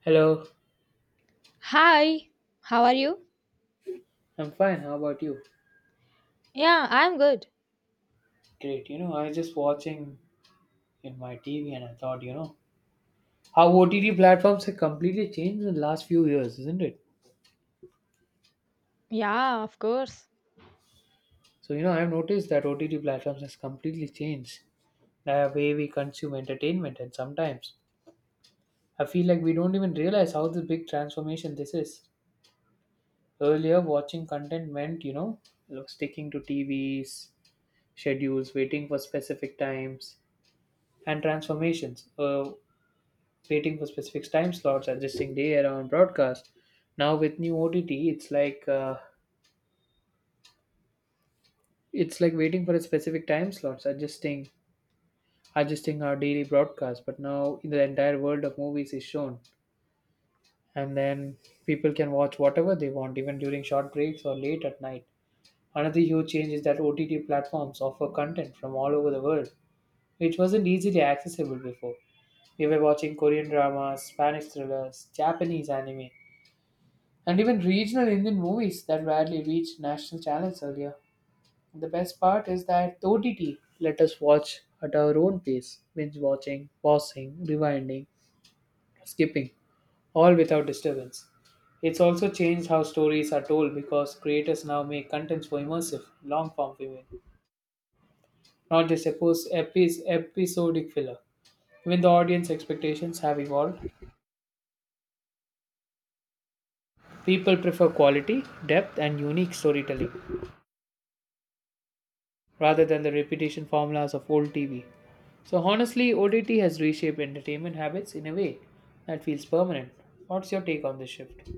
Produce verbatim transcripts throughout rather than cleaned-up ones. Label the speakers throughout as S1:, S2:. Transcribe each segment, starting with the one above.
S1: Hello,
S2: Hi, how are you?
S1: I'm fine. How about you?
S2: Yeah, I'm good.
S1: Great. You know, I was just watching in my T V and I thought, you know, how O T T platforms have completely changed in the last few years, isn't it?
S2: Yeah, of course.
S1: So, you know, I've noticed that O T T platforms has completely changed the way we consume entertainment, and sometimes I feel like we don't even realize how the big transformation this is. Earlier, watching content meant, you know, sticking to T Vs, schedules, waiting for specific times and transformations. Uh, waiting for specific time slots, adjusting day around broadcast. Now with new O T T, it's like uh, it's like waiting for a specific time slots, adjusting adjusting our daily broadcast. But now the entire world of movies is shown, and then people can watch whatever they want, even during short breaks or late at night. Another huge change is that O T T platforms offer content from all over the world, which wasn't easily accessible before. We were watching Korean dramas, Spanish thrillers, Japanese anime, and even regional Indian movies that rarely reached national channels earlier. The best part is that the O T T let us watch at our own pace, binge watching, pausing, rewinding, skipping, all without disturbance. It's also changed how stories are told because creators now make contents for immersive, long form viewing, not just a post epi- episodic filler. Even the audience expectations have evolved. People prefer quality, depth, and unique storytelling rather than the repetition formulas of old T V. So honestly, O T T has reshaped entertainment habits in a way that feels permanent. What's your take on this shift?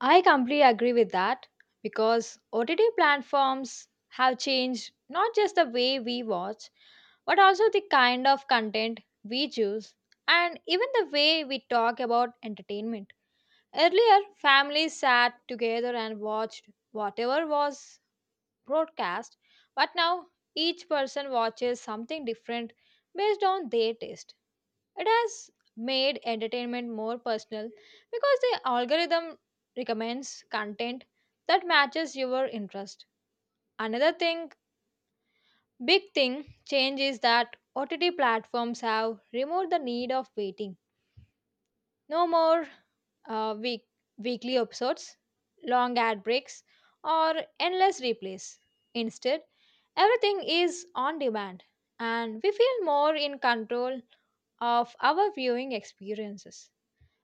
S2: I completely agree with that because O T T platforms have changed not just the way we watch, but also the kind of content we choose and even the way we talk about entertainment. Earlier, families sat together and watched whatever was broadcast, but now each person watches something different based on their taste. It has made entertainment more personal because the algorithm recommends content that matches your interest. Another thing, big thing change is that O T T platforms have removed the need of waiting. No more uh, week, weekly episodes, long ad breaks, or endless replays. Instead, everything is on demand and we feel more in control of our viewing experiences.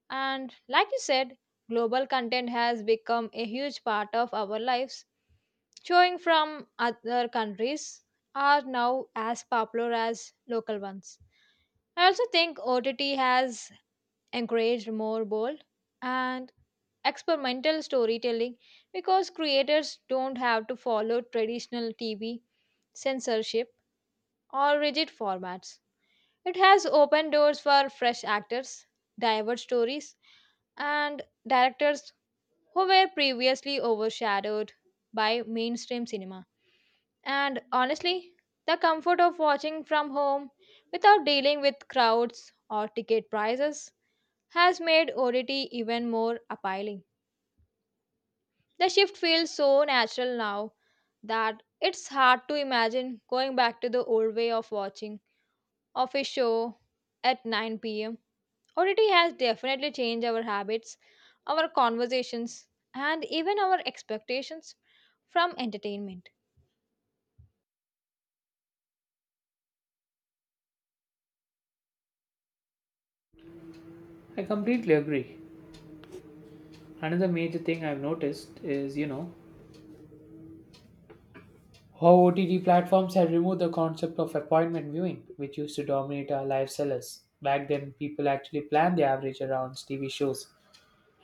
S2: And like you said, global content has become a huge part of our lives. Showing from other countries are now as popular as local ones. I also think O T T has encouraged more bold and experimental storytelling because creators don't have to follow traditional T V censorship or rigid formats. It has opened doors for fresh actors, diverse stories, and directors who were previously overshadowed by mainstream cinema. And honestly, the comfort of watching from home without dealing with crowds or ticket prices has made O T T even more appealing. The shift feels so natural now that it's hard to imagine going back to the old way of watching of a show at nine p m. O T T has definitely changed our habits, our conversations, and even our expectations from entertainment.
S1: I completely agree. Another major thing I've noticed is, you know, how O T T platforms have removed the concept of appointment viewing, which used to dominate our lifestyles. Back then, people actually planned their average around T V shows,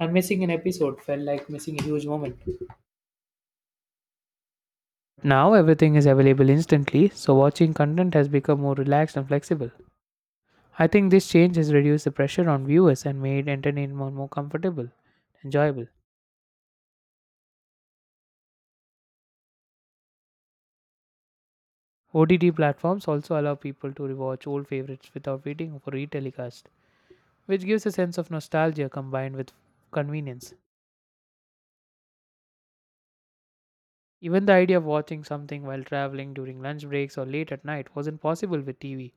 S1: and missing an episode felt like missing a huge moment. Now everything is available instantly, so watching content has become more relaxed and flexible. I think this change has reduced the pressure on viewers and made entertainment more comfortable, enjoyable. O T T platforms also allow people to rewatch old favorites without waiting for retelecast, which gives a sense of nostalgia combined with convenience. Even the idea of watching something while traveling during lunch breaks or late at night wasn't possible with T V,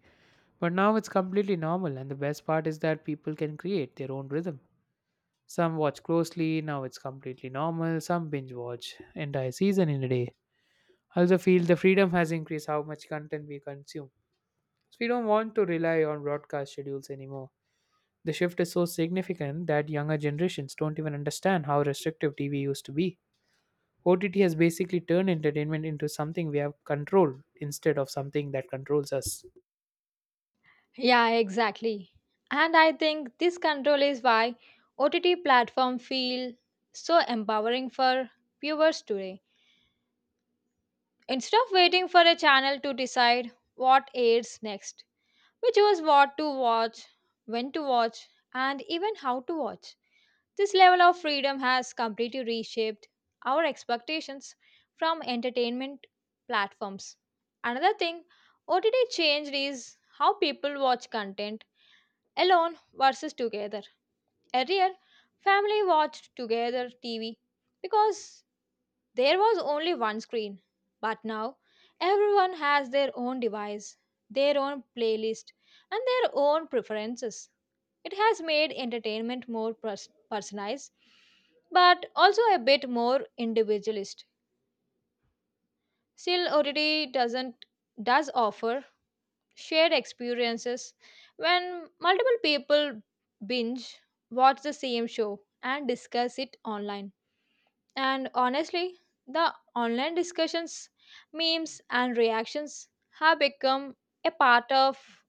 S1: but now it's completely normal, and the best part is that people can create their own rhythm. Some watch closely, now it's completely normal, some binge watch entire season in a day also feel the freedom has increased how much content we consume. So we don't want to rely on broadcast schedules anymore. The shift is so significant that younger generations don't even understand how restrictive T V used to be. O T T has basically turned entertainment into something we have control instead of something that controls us.
S2: Yeah, exactly. And I think this control is why O T T platform feel so empowering for viewers today. Instead of waiting for a channel to decide what airs next, we choose what to watch, when to watch, and even how to watch. This level of freedom has completely reshaped our expectations from entertainment platforms. Another thing O T T changed is how people watch content alone versus together. Earlier, family watched together T V because there was only one screen. But now, everyone has their own device, their own playlist, and their own preferences. It has made entertainment more pers- personalized, but also a bit more individualist. Still, O T T doesn't does offer shared experiences when multiple people binge watch the same show and discuss it online. And honestly, the online discussions, memes, and reactions have become a part of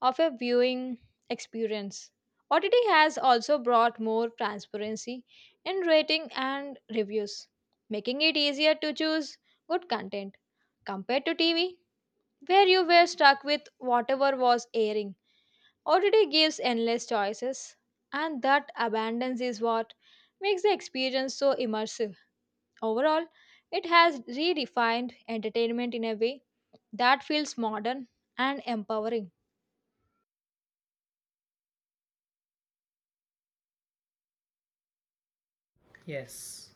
S2: of a viewing experience. O T T has also brought more transparency in rating and reviews, making it easier to choose good content compared to T V, where you were stuck with whatever was airing. O T T gives endless choices, and that abundance is what makes the experience so immersive. Overall, it has redefined entertainment in a way that feels modern and empowering.
S1: Yes.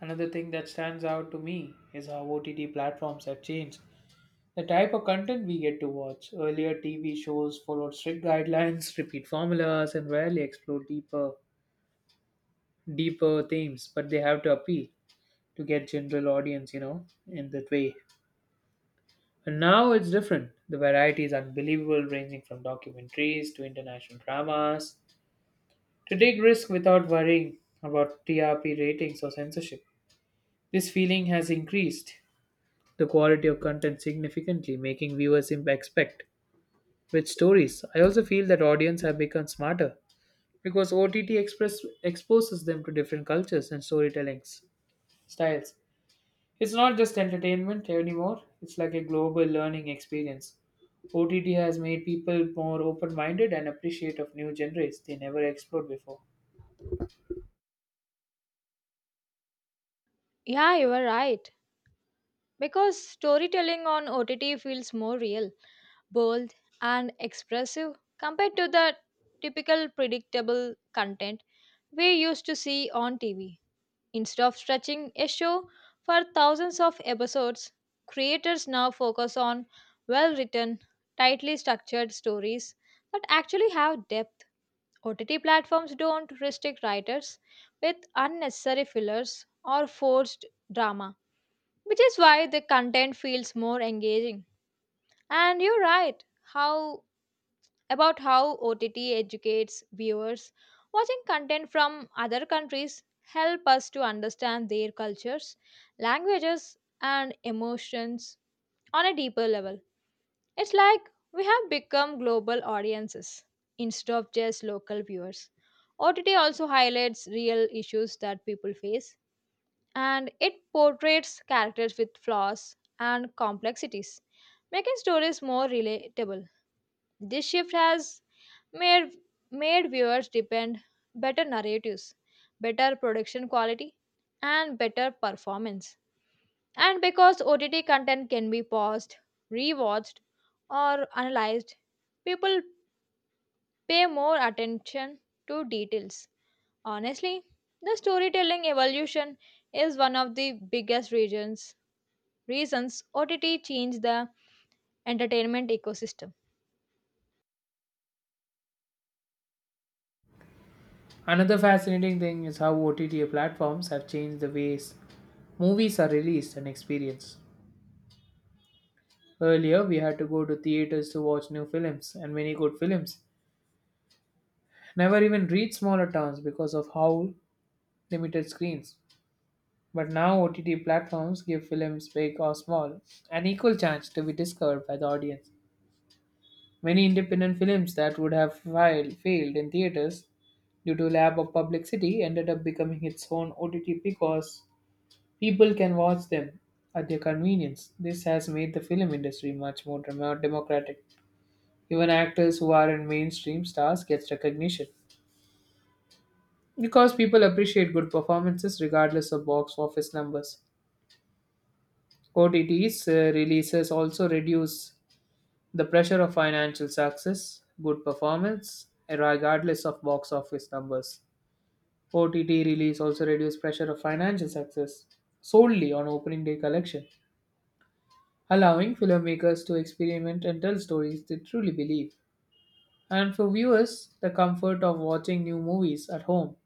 S1: Another thing that stands out to me is how O T T platforms have changed. The type of content we get to watch. Earlier, T V shows followed strict guidelines, repeat formulas, and rarely explored deeper deeper themes, but they have to appeal to get general audience, you know, in that way. And now it's different. The variety is unbelievable, ranging from documentaries to international dramas to take risk without worrying about T R P ratings or censorship. This feeling has increased the quality of content significantly, making viewers imp- expect which stories. I also feel that audience have become smarter because O T T express exposes them to different cultures and storytelling s- styles. It's not just entertainment anymore, it's like a global learning experience. O T T has made people more open minded and appreciative of new genres they never explored before.
S2: Yeah, you are right. Because storytelling on O T T feels more real, bold, and expressive compared to the typical predictable content we used to see on T V. Instead of stretching a show for thousands of episodes, creators now focus on well written, tightly structured stories that actually have depth. O T T platforms don't restrict writers with unnecessary fillers or forced drama which is why the content feels more engaging. And you're right how about how O T T educates viewers. Watching content from other countries help us to understand their cultures, languages and emotions on a deeper level. It's like we have become global audiences instead of just local viewers. O T T also highlights real issues that people face and it portrays characters with flaws and complexities, making stories more relatable. This shift has made, made viewers depend better narratives, better production quality, and better performance. And because O T T content can be paused, rewatched, or analyzed, people pay more attention to details. Honestly, the storytelling evolution is one of the biggest reasons reasons O T T changed the entertainment ecosystem.
S1: Another fascinating thing is how O T T platforms have changed the ways movies are released and experienced. Earlier, we had to go to theaters to watch new films, and many good films never even reached smaller towns because of how limited screens. But now, O T T platforms give films, big or small, an equal chance to be discovered by the audience. Many independent films that would have fail- failed in theaters due to lack of publicity ended up becoming its own O T T because people can watch them at their convenience. This has made the film industry much more dem- democratic. Even actors who aren't mainstream stars get recognition because people appreciate good performances regardless of box office numbers. O T Ts uh, releases also reduce the pressure of financial success, good performance, regardless of box office numbers. O T T release also reduced pressure of financial success solely on opening day collection, allowing filmmakers to experiment and tell stories they truly believe. And for viewers, the comfort of watching new movies at home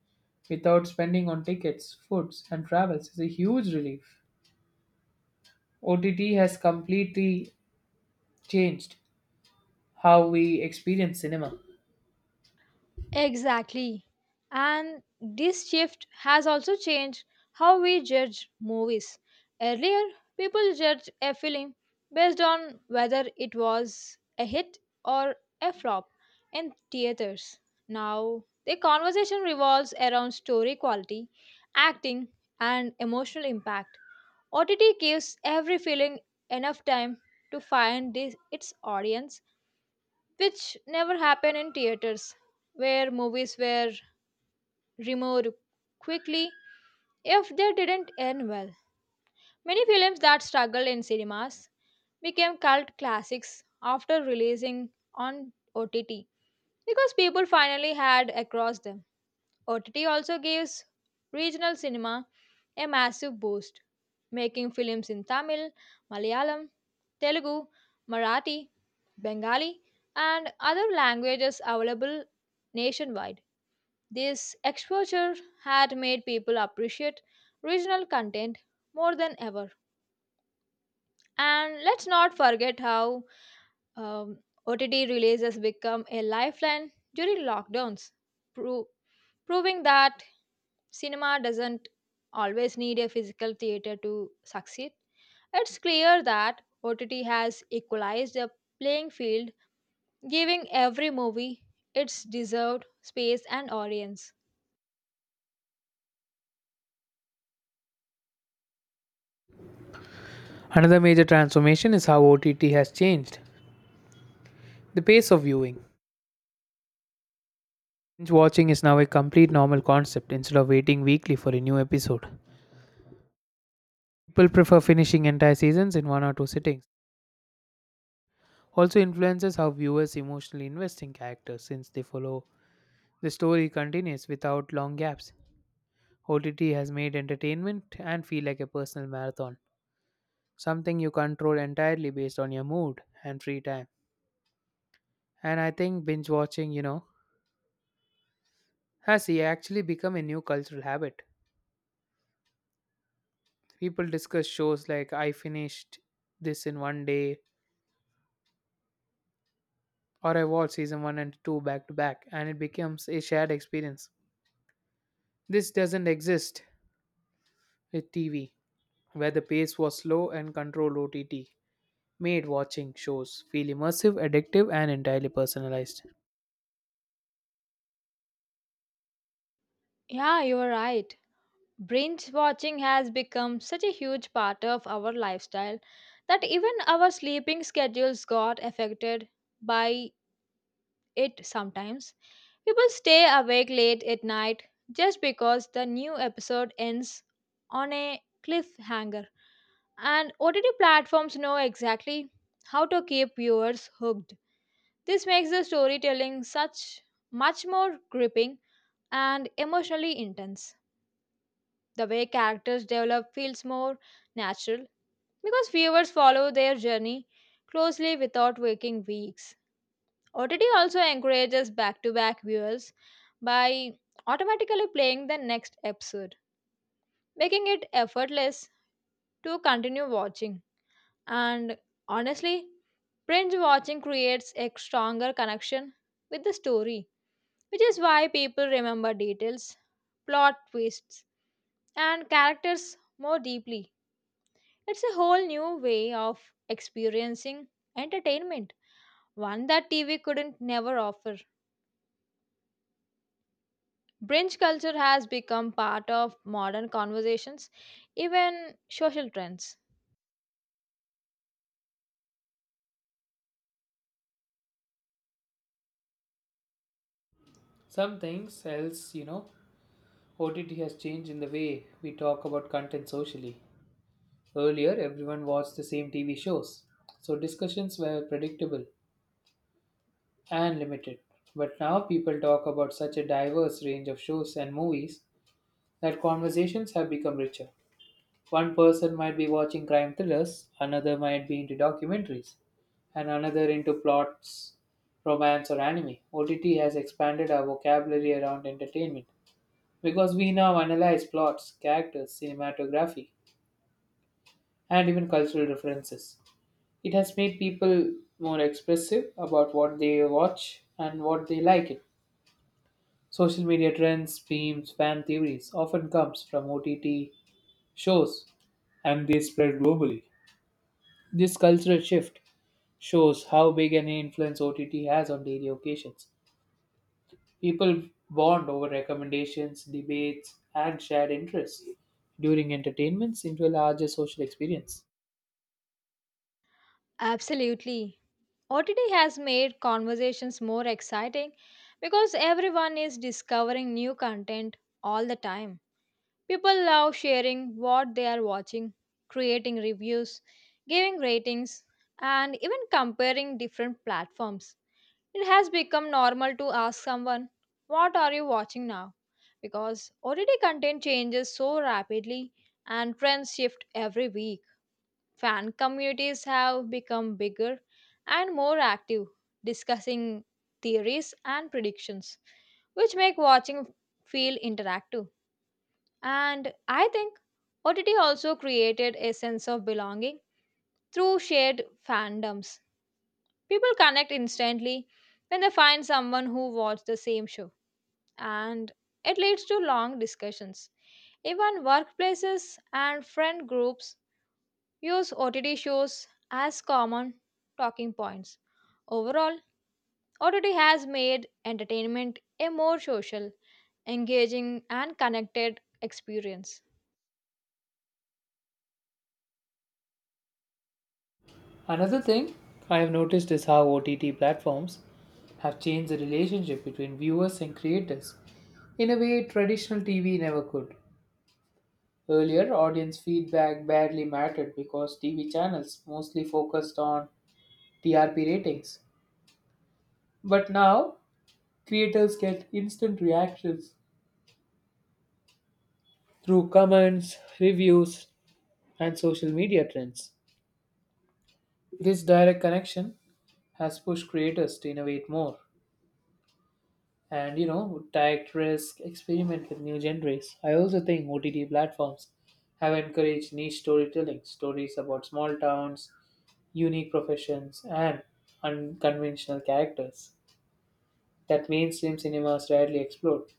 S1: without spending on tickets, foods, and travels is a huge relief. O T T has completely changed how we experience cinema.
S2: Exactly. And this shift has also changed how we judge movies. Earlier, people judged a film based on whether it was a hit or a flop in theaters. Now, the conversation revolves around story quality, acting, and emotional impact. O T T gives every feeling enough time to find this, its audience which never happened in theaters, where movies were removed quickly if they didn't end well. Many films that struggled in cinemas became cult classics after releasing on O T T because people finally had across them. O T T also gives regional cinema a massive boost, making films in Tamil, Malayalam, Telugu, Marathi, Bengali, and other languages available nationwide. This exposure had made people appreciate regional content more than ever. And let's not forget how um, O T T releases become a lifeline during lockdowns, pro- proving that cinema doesn't always need a physical theater to succeed. It's clear that O T T has equalized the playing field giving every movie its deserved space and audience.
S1: Another major transformation is how O T T has changed the pace of viewing. Binge watching is now a complete normal concept instead of waiting weekly for a new episode. People prefer finishing entire seasons in one or two sittings. Also influences how viewers emotionally invest in characters since they follow the story continues without long gaps. O T T has made entertainment and feel like a personal marathon, something you control entirely based on your mood and free time. And I think binge watching, you know, has actually become a new cultural habit. People discuss shows like I finished this in one day, or I watched season one and two back to back, and it becomes a shared experience. This doesn't exist with T V, where the pace was slow and controlled. O T T made watching shows feel immersive, addictive, and entirely personalized.
S2: Yeah, you are right. Binge watching has become such a huge part of our lifestyle that even our sleeping schedules got affected by it sometimes. People stay awake late at night just because the new episode ends on a cliffhanger, and O T T platforms know exactly how to keep viewers hooked. This makes the storytelling such much more gripping and emotionally intense. The way characters develop feels more natural because viewers follow their journey closely without waking weeks. O T T also encourages back to back viewers by automatically playing the next episode, making it effortless to continue watching. And honestly, binge watching creates a stronger connection with the story which is why people remember details, plot twists, and characters more deeply. It's a whole new way of experiencing entertainment, one that T V couldn't never offer. Binge culture has become part of modern conversations, even social trends.
S1: Some things else, you know, O T T has changed in the way we talk about content socially. Earlier, everyone watched the same T V shows, so discussions were predictable and limited. But now people talk about such a diverse range of shows and movies that conversations have become richer. One person might be watching crime thrillers, another might be into documentaries, and another into plots, romance, or anime. O T T has expanded our vocabulary around entertainment because we now analyze plots, characters, cinematography, and even cultural references. It has made people more expressive about what they watch and what they like it. Social media trends, memes, fan theories often comes from O T T shows and they spread globally. This cultural shift shows how big an influence O T T has on daily occasions. People bond over recommendations, debates, and shared interests during entertainments into a larger social experience.
S2: Absolutely. O T T has made conversations more exciting because everyone is discovering new content all the time. People love sharing what they are watching, creating reviews, giving ratings, and even comparing different platforms. It has become normal to ask someone, what are you watching now? Because O T T content changes so rapidly and trends shift every week. Fan communities have become bigger and more active, discussing theories and predictions, which make watching feel interactive. And I think O T T also created a sense of belonging through shared fandoms. People connect instantly when they find someone who watched the same show, and it leads to long discussions. Even workplaces and friend groups use O T T shows as common talking points. Overall, O T T has made entertainment a more social, engaging, and connected experience.
S1: Another thing I have noticed is how O T T platforms have changed the relationship between viewers and creators in a way traditional T V never could. Earlier, audience feedback barely mattered because T V channels mostly focused on T R P ratings. But now, creators get instant reactions through comments, reviews, and social media trends. This direct connection has pushed creators to innovate more. and you know direct risk experiment with new genres. I also think OTT platforms have encouraged niche storytelling, stories about small towns, unique professions, and unconventional characters that mainstream cinemas rarely explored.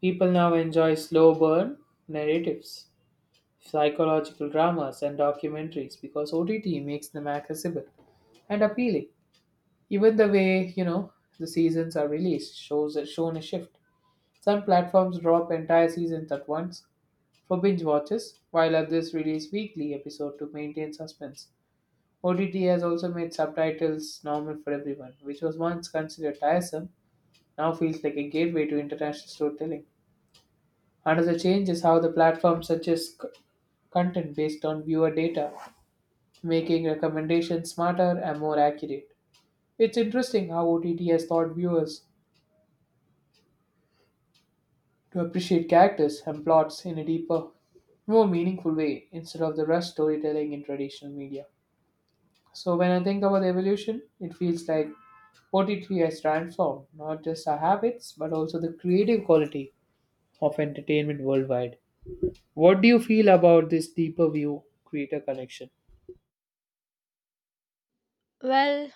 S1: People now enjoy slow burn narratives, psychological dramas, and documentaries because OTT makes them accessible and appealing. Even the way, you know, the seasons are released shows shown a shift. Some platforms drop entire seasons at once for binge watches, while others release weekly episodes to maintain suspense. O T T has also made subtitles normal for everyone, which was once considered tiresome, now feels like a gateway to international storytelling. Another change is how the platform suggests c- content based on viewer data, making recommendations smarter and more accurate. It's interesting how O T T has taught viewers to appreciate characters and plots in a deeper, more meaningful way instead of the rushed storytelling in traditional media. So when I think about the evolution, it feels like O T T has transformed not just our habits but also the creative quality of entertainment worldwide. What do you feel about this deeper view creator connection?
S2: Well,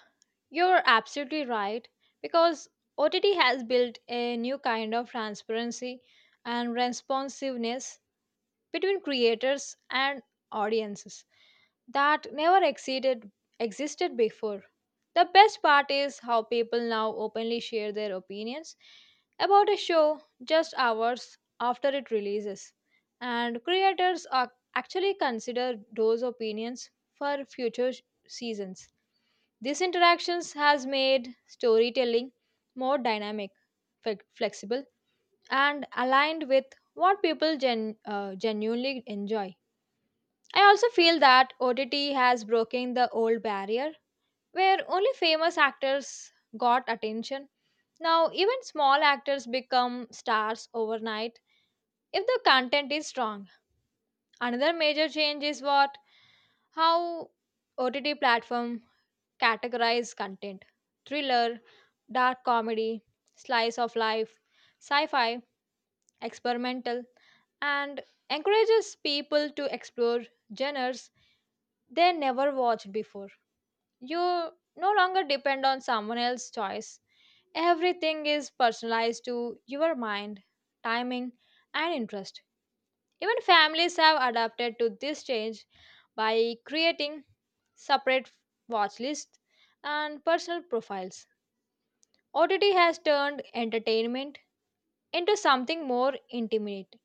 S2: you're absolutely right because O T T has built a new kind of transparency and responsiveness between creators and audiences that never exceeded existed before. The best part is how people now openly share their opinions about a show just hours after it releases and creators ac- actually consider those opinions for future sh- seasons. These interactions has made storytelling more dynamic, flex- flexible, and aligned with what people gen- uh, genuinely enjoy. I also feel that O T T has broken the old barrier where only famous actors got attention. Now, even small actors become stars overnight if the content is strong. Another major change is what how O T T platform categorize content thriller, dark comedy, slice of life, sci fi, experimental, and encourages people to explore genres they never watched before. You no longer depend on someone else's choice. Everything is personalized to your mind, timing, and interest. Even families have adapted to this change by creating separate watch lists and personal profiles. O T T has turned entertainment into something more intimate,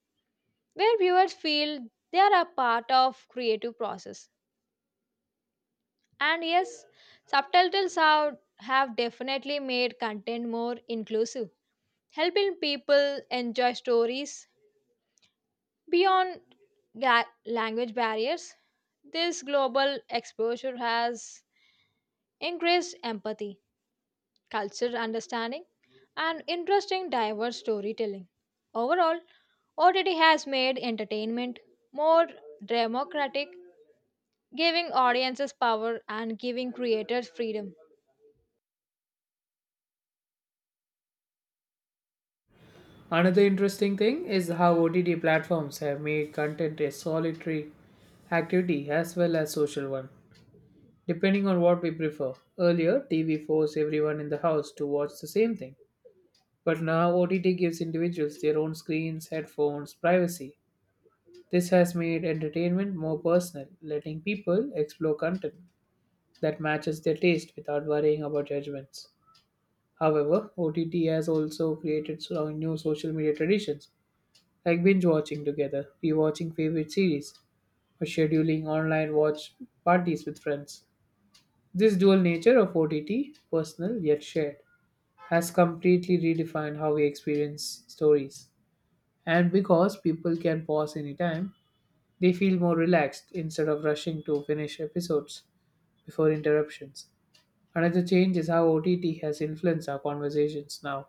S2: where viewers feel they are a part of creative process. And yes, subtitles have, have definitely made content more inclusive, helping people enjoy stories beyond ga- language barriers. This global exposure has increased empathy cultural understanding, and interesting diverse storytelling. Overall, O T T has made entertainment more democratic, giving audiences power and giving creators freedom.
S1: Another interesting thing is how O T T platforms have made content a solitary activity as well as social one. Depending on what we prefer. Earlier, T V forced everyone in the house to watch the same thing. But now O T T gives individuals their own screens, headphones, privacy. This has made entertainment more personal, letting people explore content that matches their taste without worrying about judgments. However, O T T has also created so- new social media traditions like binge watching together, rewatching favorite series, or scheduling online watch parties with friends. This dual nature of O T T, personal yet shared, has completely redefined how we experience stories. And because people can pause anytime, they feel more relaxed instead of rushing to finish episodes before interruptions. Another change is how O T T has influenced our conversations now.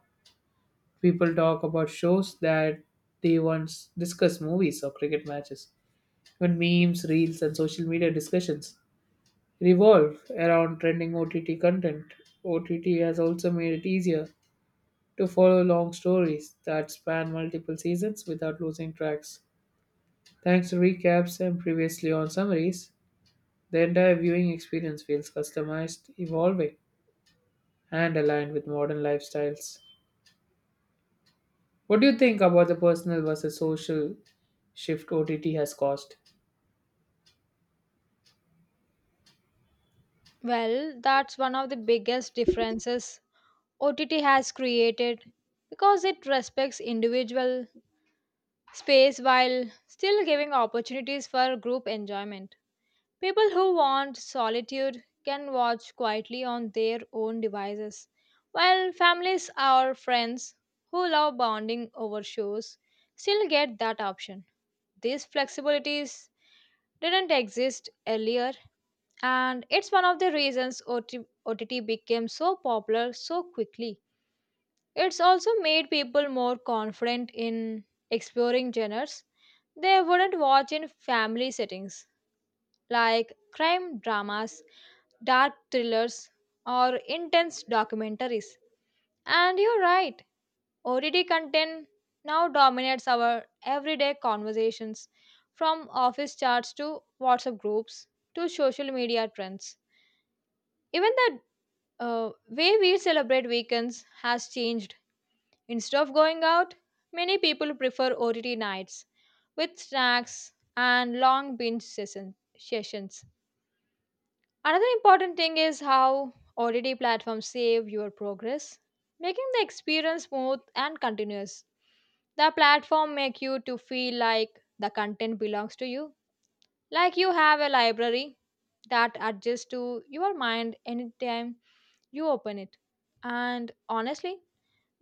S1: People talk about shows that they once discussed movies or cricket matches. Even memes, reels, and social media discussions revolve around trending O T T content. O T T has also made it easier to follow long stories that span multiple seasons without losing tracks. Thanks to recaps and previously on summaries, the entire viewing experience feels customized, evolving, and aligned with modern lifestyles. What do you think about the personal versus social shift O T T has caused?
S2: Well, that's one of the biggest differences O T T has created because it respects individual space while still giving opportunities for group enjoyment. People who want solitude can watch quietly on their own devices, while families or friends who love bonding over shows still get that option. These flexibilities didn't exist earlier, and it's one of the reasons O T- O T T became so popular so quickly. It's also made people more confident in exploring genres they wouldn't watch in family settings like crime dramas, dark thrillers, or intense documentaries. And you're right, O T T content now dominates our everyday conversations from office chats to WhatsApp groups to social media trends. Even the uh, way we celebrate weekends has changed. Instead of going out, many people prefer O T T nights with snacks and long binge session- sessions. Another important thing is how O D D platforms save your progress, making the experience smooth and continuous. The platform make you to feel like the content belongs to you, like you have a library that adjusts to your mind anytime you open it. And honestly,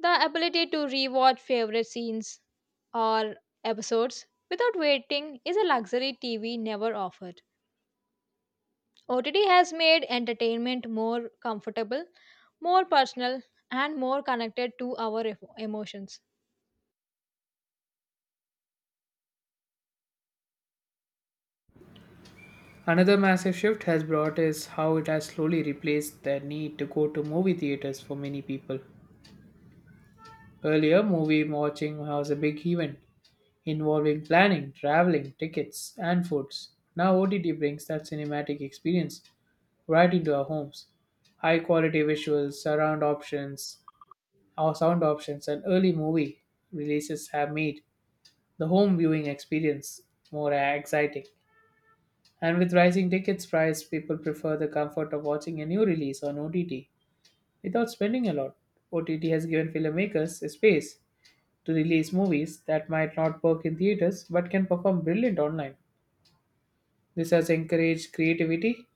S2: the ability to rewatch favorite scenes or episodes without waiting is a luxury T V never offered. O T T has made entertainment more comfortable, more personal, and more connected to our ef- emotions.
S1: Another massive shift has brought is how it has slowly replaced the need to go to movie theaters for many people. Earlier, movie watching was a big event involving planning, traveling, tickets, and foods. Now, O T T brings that cinematic experience right into our homes. High quality visuals, surround options, or sound options, and early movie releases have made the home viewing experience more exciting. And with rising tickets price, people prefer the comfort of watching a new release on O T T without spending a lot. O T T has given filmmakers a space to release movies that might not work in theaters but can perform brilliant online. This has encouraged creativity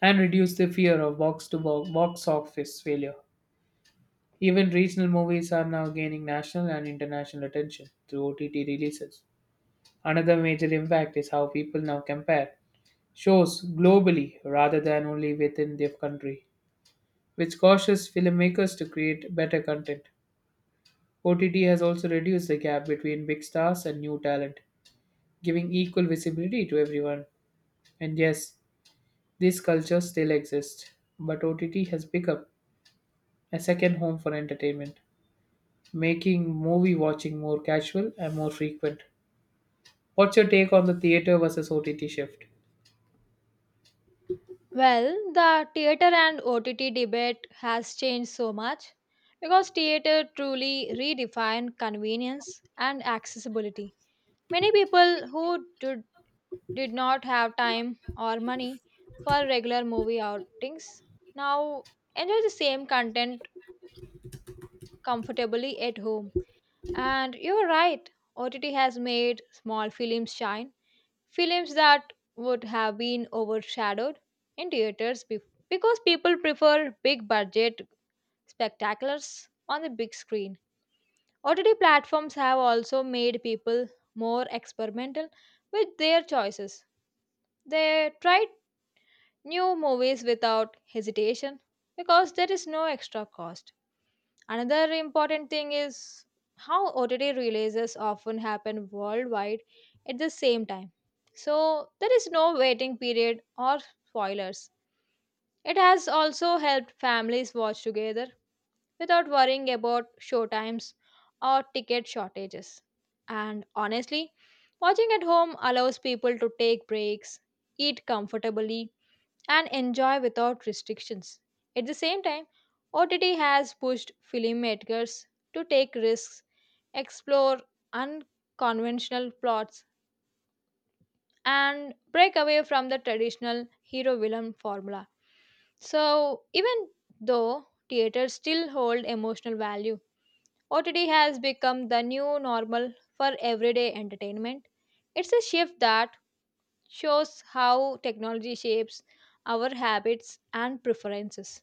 S1: and reduced the fear of box to box office failure. Even regional movies are now gaining national and international attention through O T T releases. Another major impact is how people now compare shows globally rather than only within their country, which causes filmmakers to create better content. O T T has also reduced the gap between big stars and new talent, giving equal visibility to everyone. And yes, these cultures still exist, but O T T has become a second home for entertainment, making movie watching more casual and more frequent. What's your take on the theater versus O T T shift?
S2: Well, the theater and O T T debate has changed so much because theater truly redefined convenience and accessibility. Many people who did, did not have time or money for regular movie outings now enjoy the same content comfortably at home. And you're right, O T T has made small films shine, films that would have been overshadowed in theaters bef- because people prefer big budget spectaculars on the big screen. O T T platforms have also made people more experimental with their choices. They tried new movies without hesitation because there is no extra cost. Another important thing is how O T T releases often happen worldwide at the same time. So there is no waiting period or spoilers. It has also helped families watch together without worrying about show times or ticket shortages. And honestly, watching at home allows people to take breaks, eat comfortably, and enjoy without restrictions. At the same time, O T T has pushed filmmakers to take risks, explore unconventional plots, and break away from the traditional hero villain formula. So, even though theaters still hold emotional value, O T T has become the new normal for everyday entertainment. It's a shift that shows how technology shapes our habits and preferences.